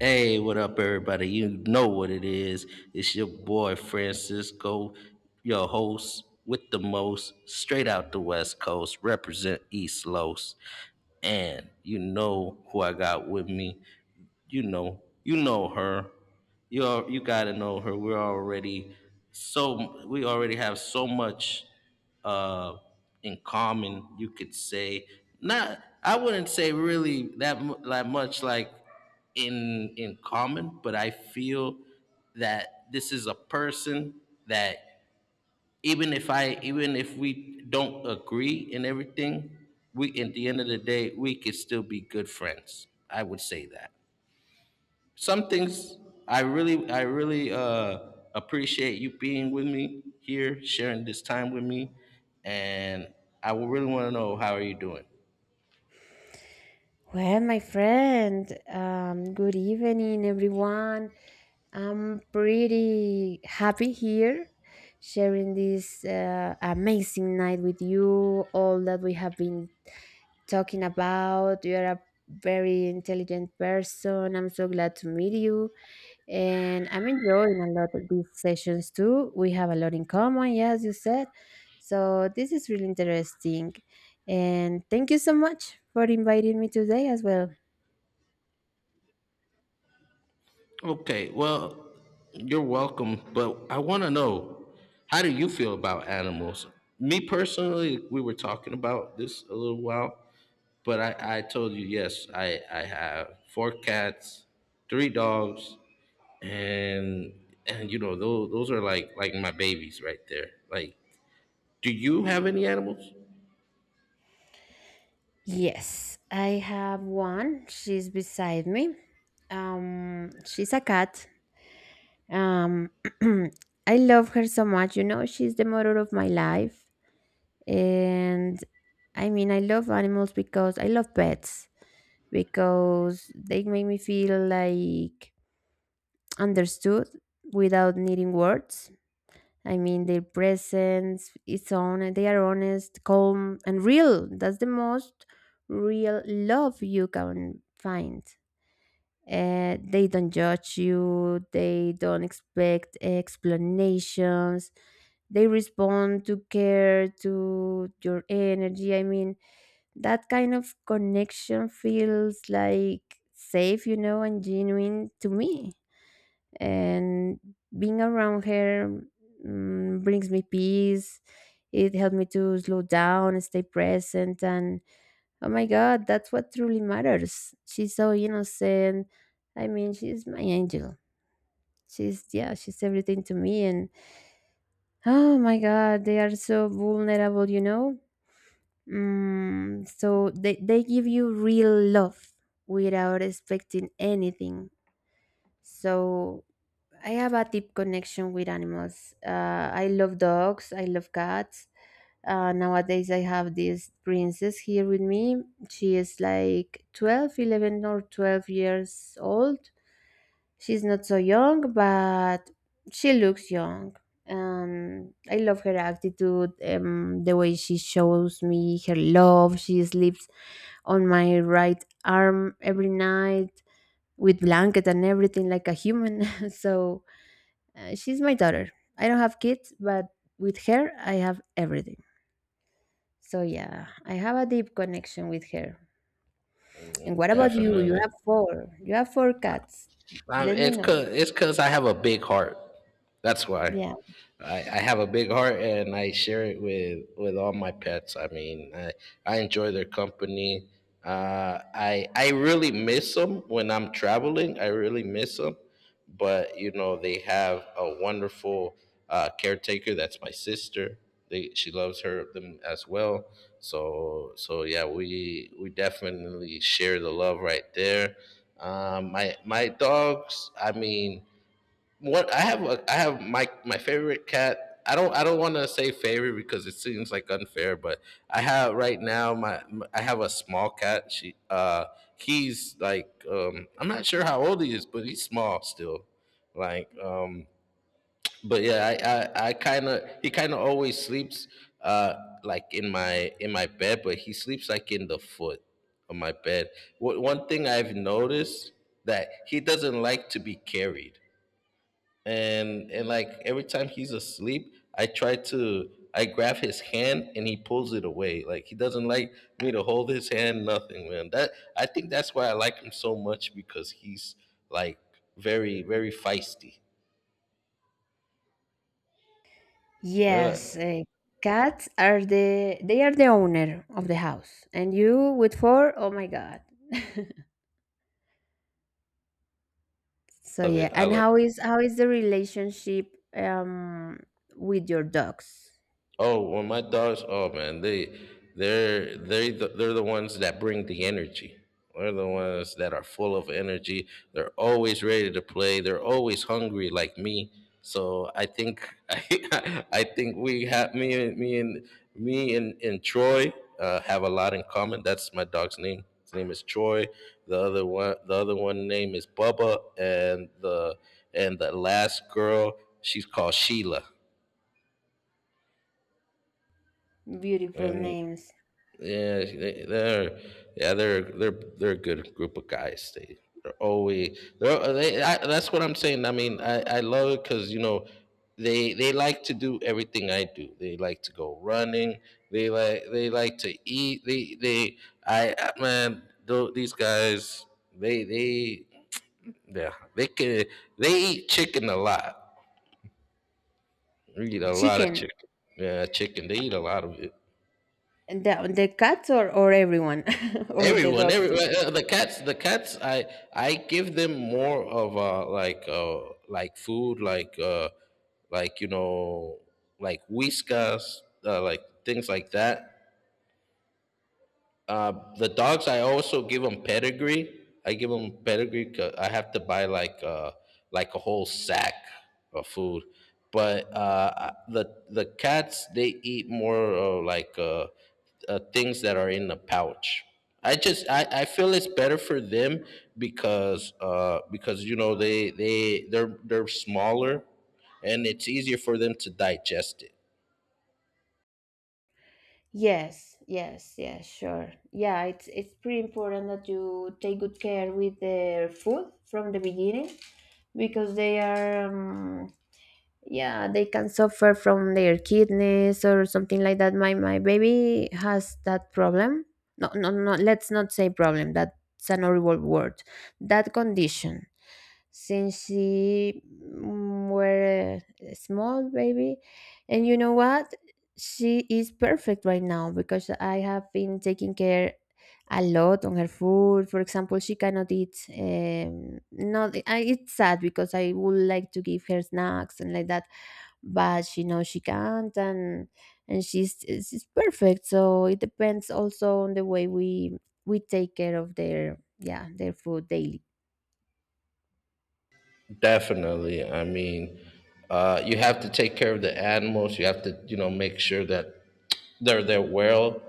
Hey, what up, everybody? You know what it is. It's your boy Francisco, your host with the most, straight out the West Coast, represent East Los. And you know who I got with me you know, her. You gotta know her. We already have so much uh, in common. You could say not. I wouldn't say really that much like in common, but I feel that this is a person that even if we don't agree in everything, we at the end of the day we could still be good friends. I would say that some things I really appreciate you being with me here, sharing this time with me, and I would really want to know, how are you doing? Well, my friend, good evening, everyone. I'm pretty happy here sharing this amazing night with you. All that we have been talking about. You're a very intelligent person. I'm so glad to meet you. And I'm enjoying a lot of these sessions too. We have a lot in common, yeah, as you said. So this is really interesting. And thank you so much for inviting me today as well. Okay, well, you're welcome, but I want to know, how do you feel about animals? Me personally, we were talking about this a little while, but I told you yes, I have four cats, three dogs, and you know those are like my babies right there. Like, do you have any animals? Yes, I have one. She's beside me. She's a cat. Um, I love her so much. You know, she's the motor of my life. And I mean, I love animals because I love pets because they make me feel like understood without needing words. I mean, their presence is on, they are honest, calm, and real. That's the most real love you can find. They don't judge you, they don't expect explanations, they respond to care, to your energy. I mean, that kind of connection feels like safe, you know, and genuine to me. And being around her brings me peace. It helped me to slow down and stay present. And oh my god, that's what truly matters. She's so innocent, I mean, she's my angel. She's, yeah, she's everything to me. And oh my god, they are so vulnerable, you know. So they give you real love without expecting anything. So I have a deep connection with animals. I love dogs. I love cats. Nowadays, I have this princess here with me. She is like 12, 11, or 12 years old. She's not so young, but she looks young. I love her attitude, the way she shows me her love. She sleeps on my right arm every night with blanket and everything like a human. So she's my daughter. I don't have kids, but with her, I have everything. So yeah, I have a deep connection with her. And what about you? You Definitely. have four. You have four cats. Let me It's know. Cause I have a big heart. That's why. Yeah. I have a big heart and I share it with all my pets. I mean, I enjoy their company. I really miss them when I'm traveling. I really miss them. But you know they have a wonderful caretaker, that's my sister. They She loves her them as well, so so yeah, we definitely share the love right there. My my dogs, I mean, what I have a, I have my favorite cat. I don't want to say favorite because it seems like unfair, but I have right now I have a small cat. She He's like, um, I'm not sure how old he is, but he's small still. Like, um, but yeah, I kind of, he kind of always sleeps uh like in my bed, but he sleeps like in the foot of my bed. One thing I've noticed, that he doesn't like to be carried, and like every time he's asleep, I try to I grab his hand and he pulls it away, like he doesn't like me to hold his hand. Nothing, man, that, I think that's why I like him so much, because he's like very, very feisty. Yeah, I Yes, cats are the owner of the house. And you with four? Oh my God. So love yeah, it I and love how is the relationship with your dogs? Oh, well, my dogs. Oh man, they they're the ones that bring the energy. They're the ones that are full of energy. They're always ready to play. They're always hungry, like me. So I think I think we have me and Troy have a lot in common. That's my dog's name. His name is Troy. The other one name is Bubba, and the last girl, she's called Sheila. Beautiful And names. yeah, they, they're yeah they're a good group of guys. They they're always they're they. I, that's what I'm saying. I mean, I love it because you know they like to do everything I do. They like to go running. They like to eat. Man, these guys, they yeah they can, they eat chicken a lot. They eat a lot of Chicken. chicken. Yeah, chicken. They eat a lot of it. The cats, or everyone or the Everyone, dogs every, too. The cats, I give them more of like, like food, like, you know, like Whiskas, like things like that. uh, the dogs, I also give them Pedigree. I give them Pedigree, 'cause I have to buy like a whole sack of food. But the cats, they eat more of like, things that are in the pouch. I feel it's better for them because you know they're smaller and it's easier for them to digest it. Yes, yes, yes, sure. Yeah, it's pretty important that you take good care with their food from the beginning, because they are, yeah, they can suffer from their kidneys or something like that. My baby has that problem. No, no, no, let's not say problem. That's an horrible word. That condition, since she were a small baby. And you know what, she is perfect right now because I have been taking care a lot on her food. For example, she cannot eat, not I, it's sad because I would like to give her snacks and like that, but she knows she can't. And she's perfect, so it depends also on the way we take care of their, yeah, their food daily. Definitely. I mean, you have to take care of the animals. You have to, you know, make sure that they're well,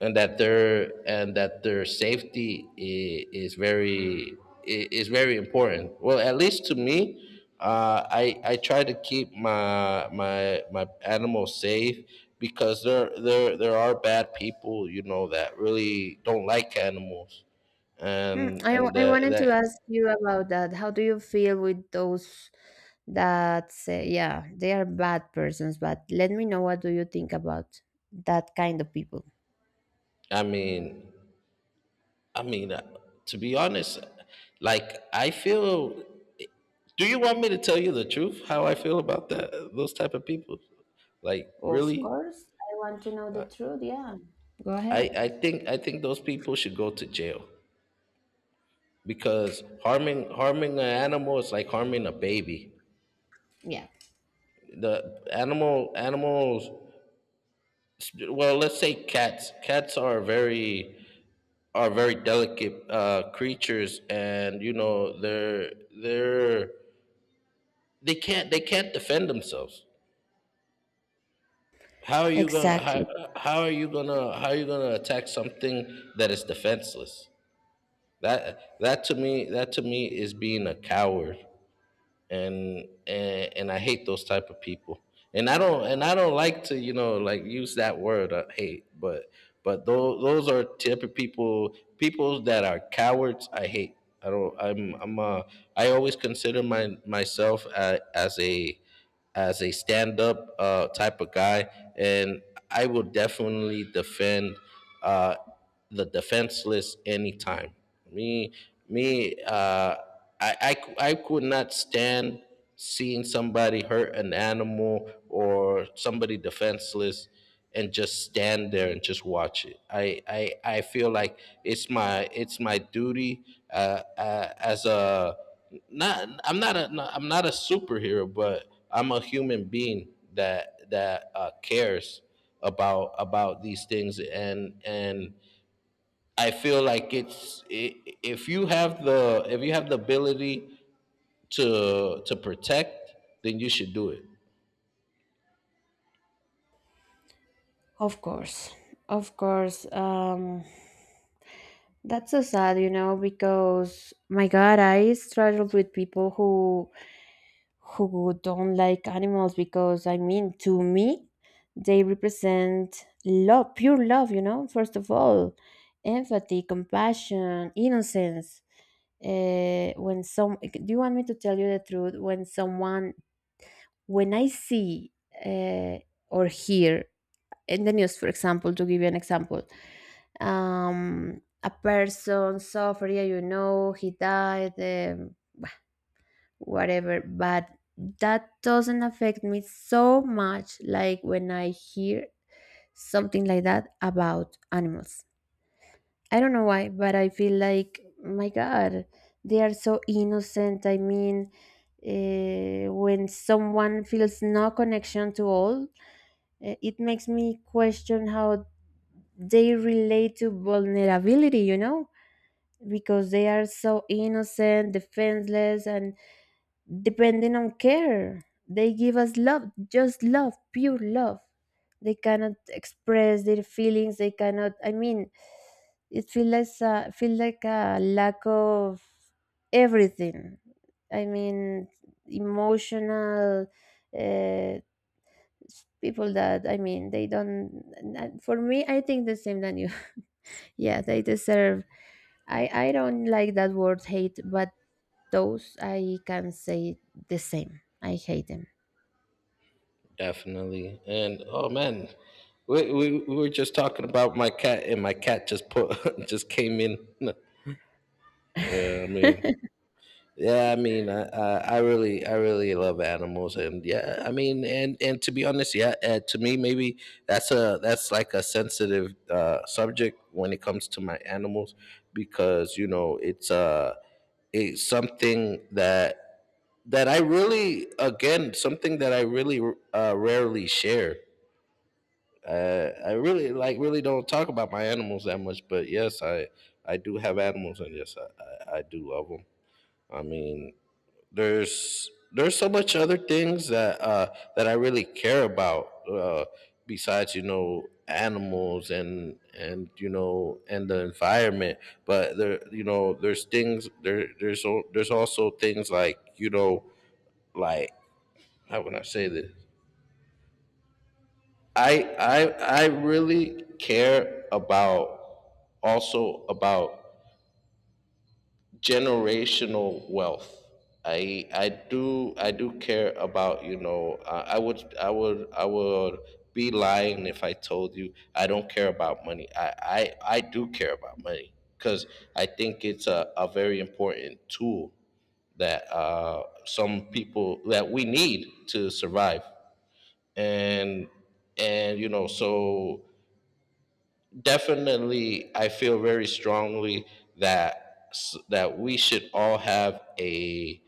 and that their, and that their safety is very is very important. Well, at least to me, I I try to keep my my animals safe because there are bad people, you know, that really don't like animals, Hmm, and I, w- I wanted to that. ask you about that. How do you feel with those that say, yeah, they are bad persons? But let me know, what do you think about that kind of people? I mean, I mean, to be honest, like I feel. Do you want me to tell you the truth, how I feel about that? Those type of people, like, Of really, course, I want to know the truth. Yeah, go I ahead. I think I think those people should go to jail because harming an animal is like harming a baby. Yeah, The animals, well, let's say cats. Cats are very, are very delicate creatures, and you know they're, they can't defend themselves. How are you gonna exactly. how, how are you gonna how are you gonna attack something that is defenseless? That to me, is being a coward, and I hate those type of people. And I don't like to, you know, like, use that word, hate, but those are type of people, people that are cowards. I hate. I don't. I always consider my myself as a, as a stand up type of guy, and I will definitely defend uh, the defenseless anytime. Me, me, I, cou- I could not stand seeing somebody hurt an animal or somebody defenseless and just stand there and just watch it. I feel like it's my duty as a, not I'm not a not, I'm not a superhero, but I'm a human being that cares about these things, and I feel like if you have the, if you have the ability to protect, then you should do it. Of course. Of course. That's so sad, you know, because my God, I struggled with people who don't like animals, because I mean, to me they represent love, pure love, you know, first of all, empathy, compassion, innocence. When some Do you want me to tell you the truth? When I see, uh, or hear in the news, for example, to give you an example, a person suffered, yeah, you know, he died, whatever, but that doesn't affect me so much like when I hear something like that about animals. I don't know why, but I feel like my god, they are so innocent, I mean. When someone feels no connection to all, it makes me question how they relate to vulnerability, you know, because they are so innocent, defenseless, and depending on care. They give us love, just love, pure love. They cannot express their feelings. They cannot. I mean, it feels like a lack of everything. I mean, emotional, uh, people that, I mean, they don't. For me, I think the same than you. Yeah, they deserve. I don't like that word hate, but those I can say the same. I hate them. Definitely. And oh man, we, we were just talking about my cat, and my cat just put just came in. Yeah, I mean, yeah, I mean, I really, I really love animals, and yeah, I mean, and to be honest, yeah, to me maybe that's a that's like a sensitive subject when it comes to my animals, because you know it's something that I really, again, something that I really rarely share. I really, like, really don't talk about my animals that much, but yes, I do have animals, and yes, I do love them. I mean, there's so much other things that that I really care about, besides, you know, animals and you know and the environment. But, there you know, there's things, there's also things like, you know, like, how would I say this? I I really care about, also about generational wealth. I do care about, you know, I would, I would be lying if I told you I don't care about money. I do care about money because I think it's a very important tool that, some people, that we need to survive, and you know. So definitely I feel very strongly that, that we should all have a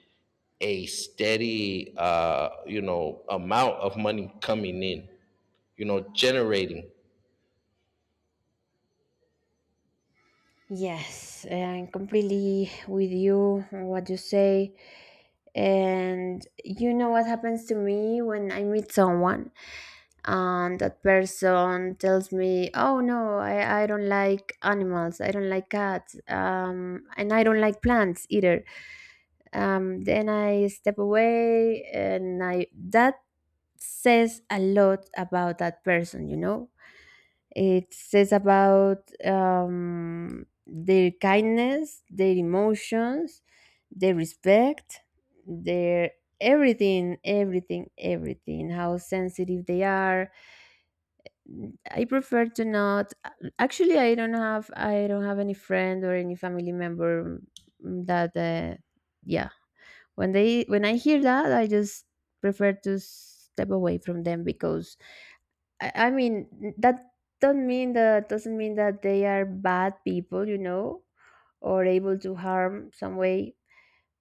a steady, you know, amount of money coming in, you know, generating. Yes, I'm completely with you on what you say. And you know what happens to me when I meet someone and that person tells me, "Oh no, I don't like animals. I don't like cats. And I don't like plants either." Then I step away, and I that says a lot about that person, you know? It says about, their kindness, their emotions, their respect, their everything, everything, everything, how sensitive they are. I prefer to not, actually. I don't have any friend or any family member, that yeah, when I hear that, I just prefer to step away from them. Because I mean, that that doesn't mean that they are bad people, you know, or able to harm some way,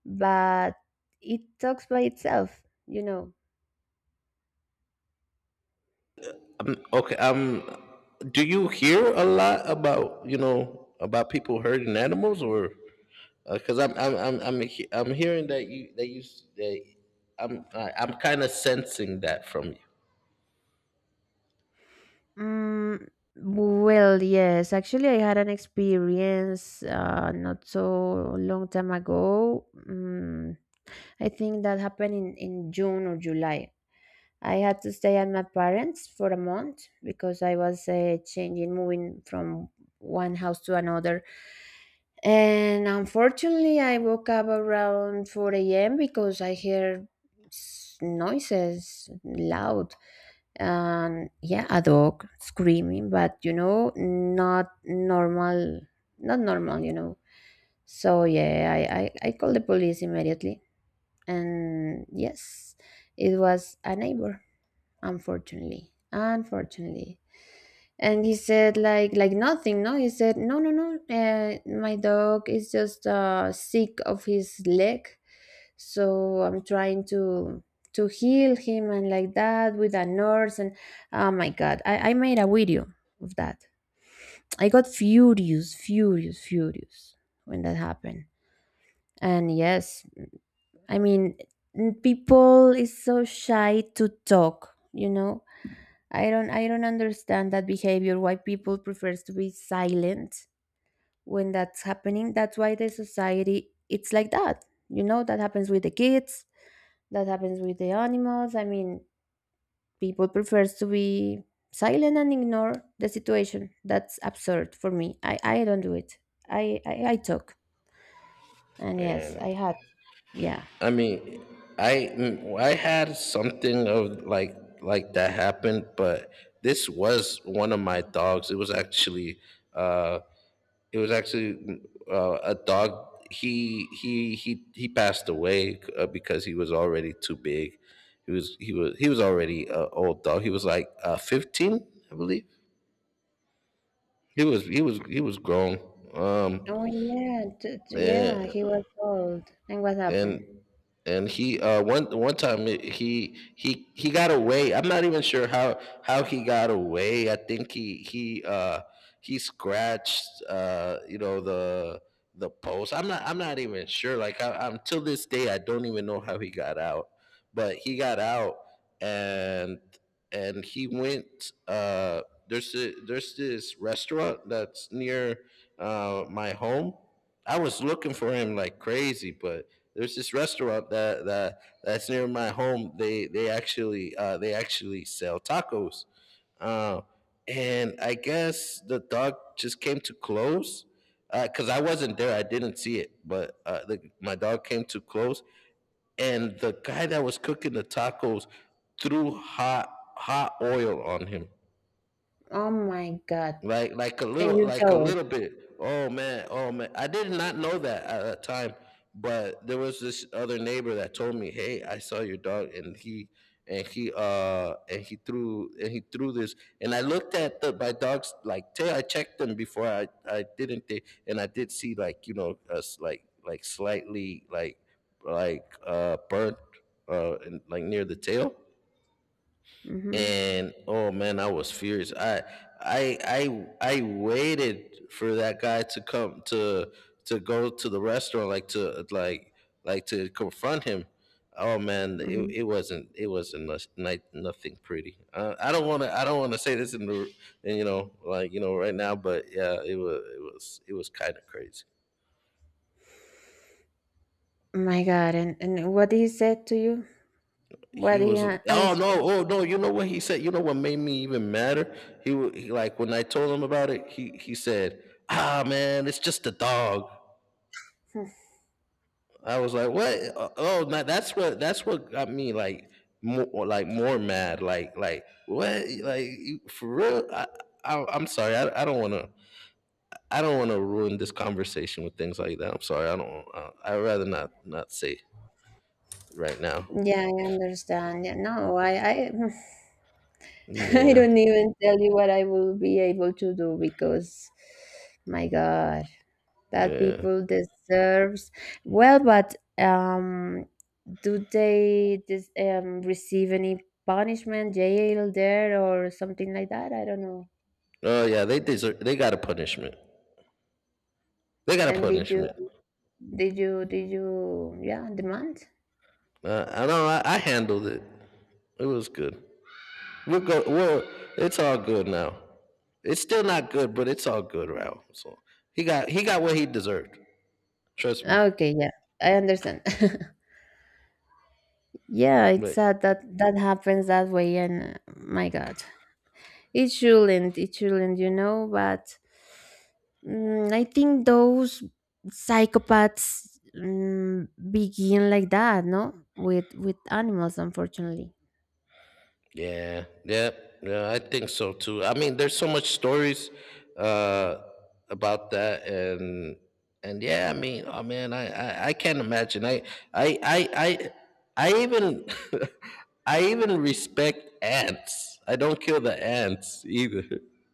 but it talks by itself, you know. Okay, um, do you hear a lot about, you know, about people hurting animals? Or, because I'm, I'm hearing that you, that you, that, I'm, I'm kind of sensing that from you. Mm, well, yes. Actually, I had an experience, not so long time ago. I think that happened in, June or July. I had to stay at my parents for a month because I was, changing, moving from one house to another. And unfortunately, I woke up around 4 a.m. because I heard noises loud, and yeah, a dog screaming, but you know, not normal, not normal, you know. So yeah, I called the police immediately. And yes, it was a neighbor, unfortunately, unfortunately. And he said like, nothing, no, he said no, no, no, my dog is just, sick of his leg, so I'm trying to heal him and like that with a nurse. And oh my god, I made a video of that. I got furious, furious, furious when that happened. And yes, I mean, people is so shy to talk, you know. I don't understand that behavior, why people prefers to be silent when that's happening. That's why the society it's like that. You know, that happens with the kids, that happens with the animals. I mean, people prefers to be silent and ignore the situation. That's absurd for me. I don't do it. I talk. And yes, And, I had, yeah. I mean, I, mm, I had something of like that happened, but this was one of my dogs. It was actually, uh, it was actually a dog. He he passed away because he was already too big. He was already an old dog. He was like, 15, I believe. He was grown. Um, Oh yeah, yeah, he yeah, was old. And what happened? and he, one one time, he he got away. I'm not even sure how he got away. I think he, he scratched, you know, the post. I'm not, I'm not even sure, like, I, I'm, till this day I don't even know how he got out, but he got out. And he went, there's a, there's this restaurant that's near my home. I was looking for him like crazy, but there's this restaurant that that's near my home. They actually, they actually sell tacos, uh, and I guess the dog just came too close because I wasn't there. I didn't see it, but my dog came too close, and the guy that was cooking the tacos threw hot oil on him, Oh my god. like And you a saw it. little bit. Oh man, oh man, I did not know that at that time, but there was this other neighbor that told me, hey, I saw your dog and he and he and he threw this. And I looked at the my dog's like tail. I checked them before. I didn't thi- and I did see, like, you know us like slightly, like, burnt, and like near the tail. Mm-hmm. And oh man, I was furious. I waited for that guy to come to go to the restaurant, like to like like to confront him. Oh man, it wasn't, nothing pretty. I don't want to, say this in the in, you know like you know right now. But yeah, it was, it was kind of crazy. My God, and what he said to you? What He he was, oh answered? no, oh no, you know what he said, you know what made me even madder, he, wa- he like when I told him about it, he said, ah man, it's just a dog. I was like, what? Oh, now that's what, got me, like, more mad, like, what, like, you-, for real. I I'm sorry. I don't want to, ruin this conversation with things like that. I'm sorry. I'd rather not, say right now. Yeah, I understand. Yeah, no, I, I Yeah. don't even tell you what I will be able to do because, my God, that Yeah. people deserves. Well, but, do they receive any punishment, jail there or something like that? I don't know. Oh yeah, they deserve, they got a punishment. They got a And punishment. Did you, yeah, demand? I know. I handled it. It was good. We'll go. Well, it's all good now. It's still not good, but it's all good, Raul. So he got what he deserved. Trust me. Ah, okay, yeah, I understand. Yeah, it's But sad that that happens that way, and, my God, it shouldn't, you know. But I think those psychopaths, begin like that, no, with animals, unfortunately. yeah, yeah, yeah, I think so too. I mean, there's so much stories uh about that. And yeah, I mean, oh man, I can't imagine. I I I even I even respect ants. I don't kill the ants either.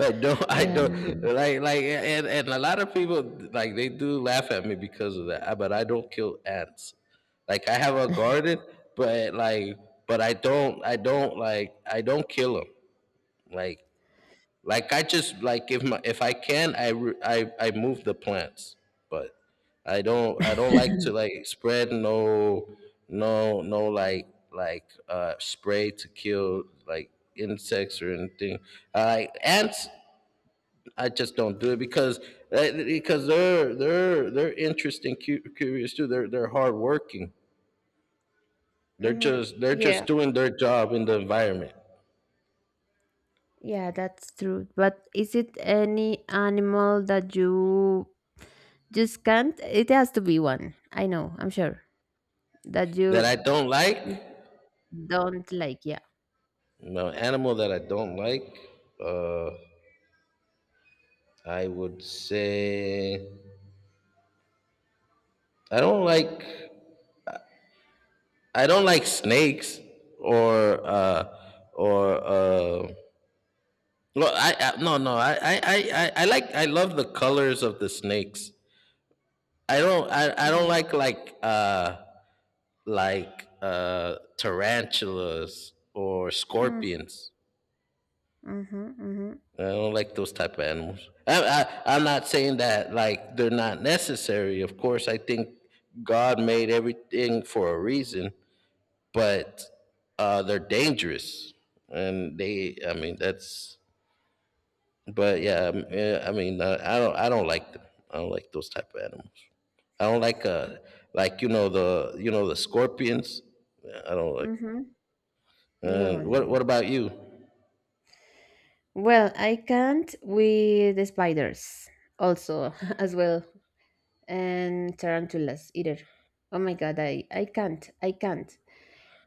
I Yeah. don't, like, and a lot of people, like, they do laugh at me because of that. But I don't kill ants. Like, I have a garden, but like, but I don't, like, I don't kill them. Like, I just, like, if my if I can, I re- I move the plants, but I don't like to, like, spread, no, like, spray to kill, like, insects or anything. I like ants. I just don't do it because they're interesting, curious too. They're hardworking. Hmm. They're Yeah. just doing their job in the environment. Yeah, that's true. But is it any animal that you just can't? It has to be one. I know. I'm sure that That I you don't like. don't like. Yeah. No animal that I don't like. Uh, I would say I don't like I don't like snakes. Or or well I no no I, I like, I love the colors of the snakes. I don't Mhm. like, tarantulas or Mm, scorpions. mhm, mhm, I don't like those type of animals. I'm not saying that, like, they're not necessary. Of course, I think God made everything for a reason, but they're dangerous, and they, I mean, that's. But yeah, I mean, I don't, I don't like them. I don't like those type of animals. I don't like, you know, the scorpions. I don't like. mhm. No, no, What no. about you? Well, I can't with the spiders also as well, and tarantulas either. Oh my god, I can't. I can't.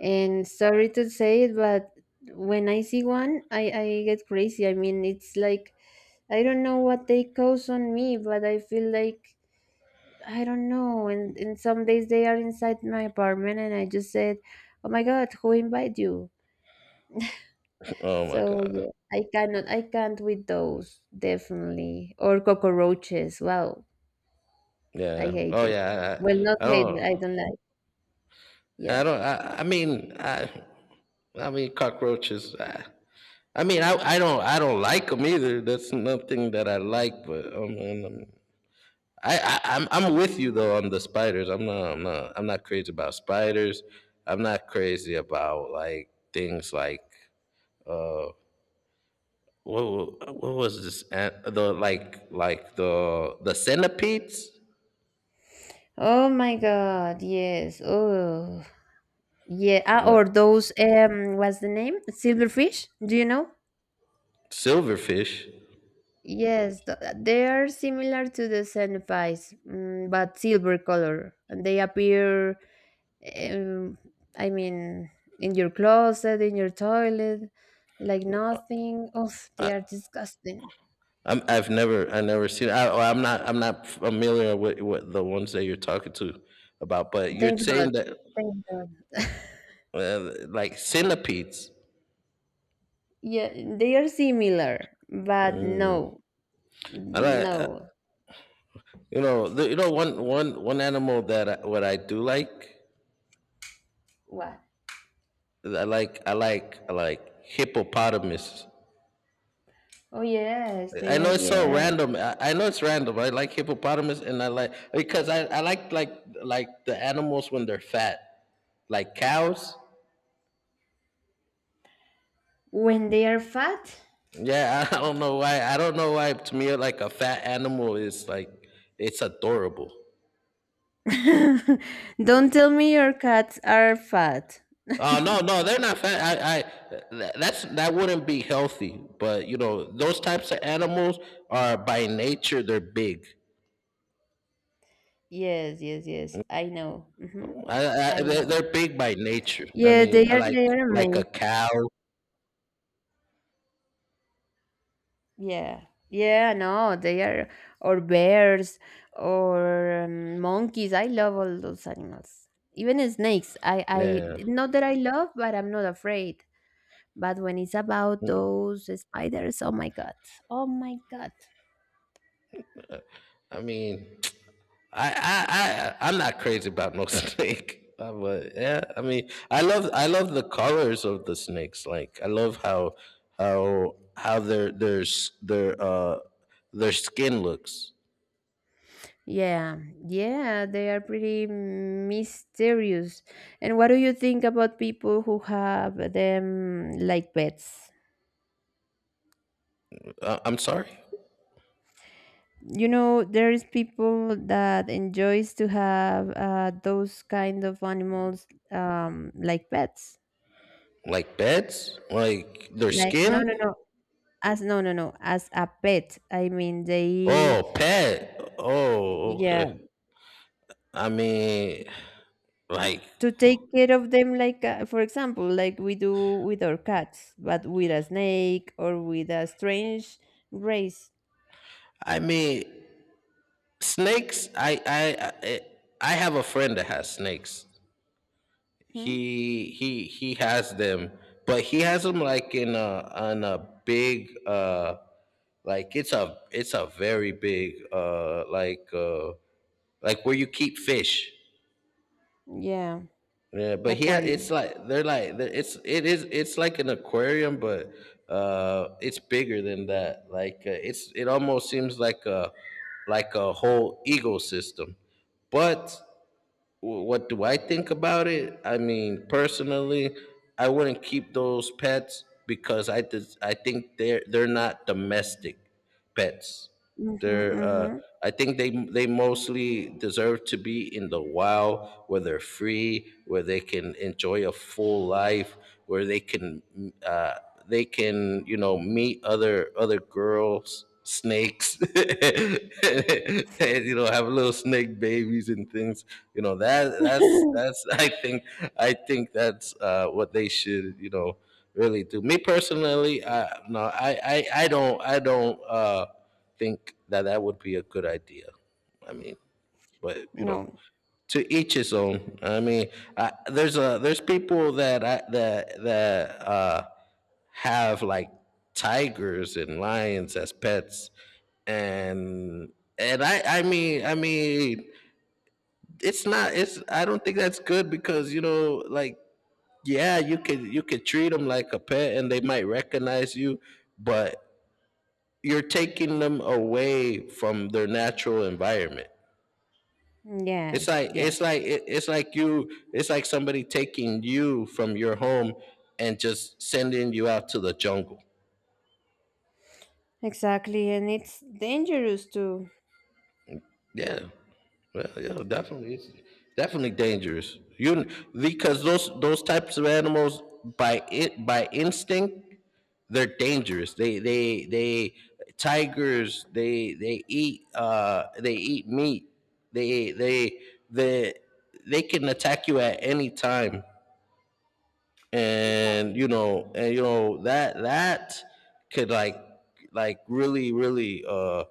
And sorry to say it, but when I see one, I get crazy. I mean, it's like I don't know what they cause on me, but I feel like I don't know. And some days they are inside my apartment, and I just said, "Oh my god, who invite you?" Oh my So God. yeah, I cannot, I can't with those, definitely. Or cockroaches. Wow, I Yeah. hate Oh them. yeah. Well, not I hate, but don't, I don't like. I Yeah. don't, I mean, I mean cockroaches. I mean. I. I don't, I don't like them either. That's nothing that I like. But um, I. I'm with you though on the spiders. I'm not crazy about spiders. I'm not crazy about, like, things like, Uh, what was this an- the like the centipedes. Oh my God. Yes. Oh yeah. Ah, What? or those. What's the name? Silverfish. Do you know? Silverfish. Yes, they are similar to the cenobites, but silver color. And they appear, um, I mean, in your closet, in your toilet, like nothing. Oh, they are disgusting. I've never, I never seen. Oh, I'm not familiar with what the ones that you're talking to about. But you're Thanks God. saying that, Thanks God. Like, centipedes. Yeah, they are similar, but no, I like, no. you know, the, you know, one, one, one animal that what I do like, What? I like hippopotamus. Oh, yes, I they know are, it's so yeah. random. I know it's random. I like hippopotamus. And I like, because I like, like the animals when they're fat, like cows. When they are fat? Yeah, I don't know why. I don't know why to me, like, a fat animal is, like, it's adorable. Don't tell me your cats are fat. Oh no, no, they're not fat. That's, that wouldn't be healthy. But you know, those types of animals are by nature they're big. Yes, yes, yes. I know. Hmm. I know. They're big by nature. I Yeah, they mean, are like they are like a amazing. cow. Yeah. Yeah, no, they are, or bears, or, monkeys. I love all those animals. Even snakes. Yeah. Not that I love, but I'm not afraid. But when it's about Mm. those spiders, oh my God. Oh my God. I mean, I, I'm not crazy about no snake. But yeah, I mean, I love the colors of the snakes. Like, I love how, their, their skin looks. Yeah, yeah, they are pretty mysterious. And what do you think about people who have them like pets? I'm sorry, You know, there is people that enjoys to have, those kind of animals, like pets. like beds, like their Like no, no, skin. no. As no, no, no. As a pet, I mean they. Oh, pet. Oh, Yeah, okay. I mean, like, to take care of them like, for example, like we do with our cats, but with a snake or with a strange race. I mean, snakes. I have a friend that has snakes. Hmm? He he has them, but he has them like in, a on a big like, it's a, very big, where you keep fish. Yeah. Yeah, but it's Aquarium. like, they're like they're, it's it is it's like an aquarium, but it's bigger than that, like, it's it almost seems like a, a whole ecosystem. But, what do I think about it? I mean, personally, I wouldn't keep those pets because I think they're not domestic pets. They're, Mm-hmm. I think they mostly deserve to be in the wild where they're free, where they can enjoy a full life, where they can, uh, they can, you know, meet other girls snakes and, you know, have little snake babies and things, you know. That Mm-hmm. that's, I think, that's what they should, you know, really do. Me personally, I don't, think that that would be a good idea. I mean, but you know, No. to each his own. I mean, there's a, there's people that I that that have, like, tigers and lions as pets. And I mean, I mean, it's not it's I don't think that's good, because, you know, like, yeah, you could, treat them like a pet, and they might recognize you, but you're taking them away from their natural environment. It's Yes, like, yes. It's like, somebody taking you from your home and just sending you out to the jungle. Exactly, and it's dangerous too. Yeah. Well, yeah, definitely, it's definitely dangerous. You, because those types of animals, by instinct, they're dangerous. They, tigers, they eat, they eat meat. They they they they can attack you at any time, and Exactly. you know, that that could, like, really,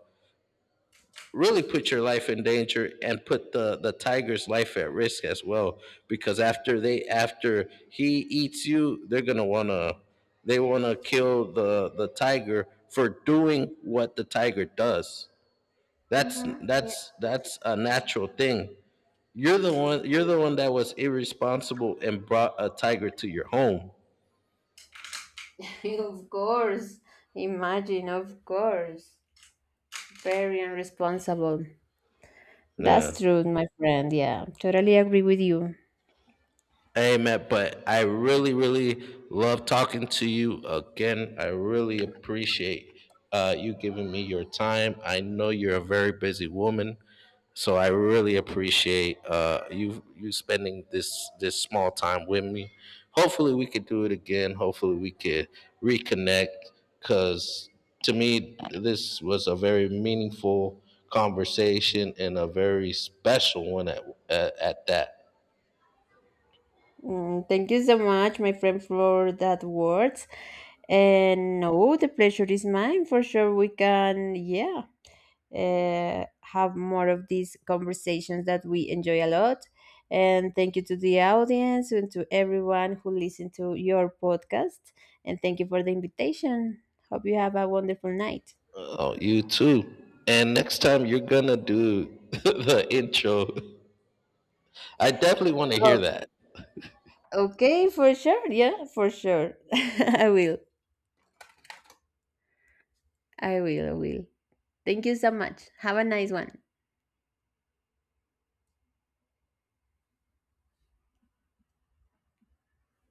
really put your life in danger, and put the tiger's life at risk as well, because after they, after he eats you, they're going to want to, they want to kill the tiger for doing what the tiger does. That's Mm-hmm. Yeah. that's that's a natural thing. You're the one that was irresponsible and brought a tiger to your home. Of course. Imagine, of course. Very irresponsible. That's Yeah. true, my friend, yeah, totally agree with you. Hey, Matt, but I really, really love talking to you again. I really appreciate you giving me your time. I know you're a very busy woman, so I really appreciate you, spending this, small time with me. Hopefully, we could do it again. Hopefully, we could reconnect. Cause to me, this was a very meaningful conversation and a very special one at that. Thank you so much, my friend, for that words. And no, the pleasure is mine for sure. We can, yeah, have more of these conversations that we enjoy a lot. And thank you to the audience and to everyone who listened to your podcast. And thank you for the invitation. Hope you have a wonderful night. Oh, you too. And next time you're gonna do the intro. I definitely want to Oh, hear that. okay, for sure. Yeah, for sure. I will. I will. I will. Thank you so much. Have a nice one.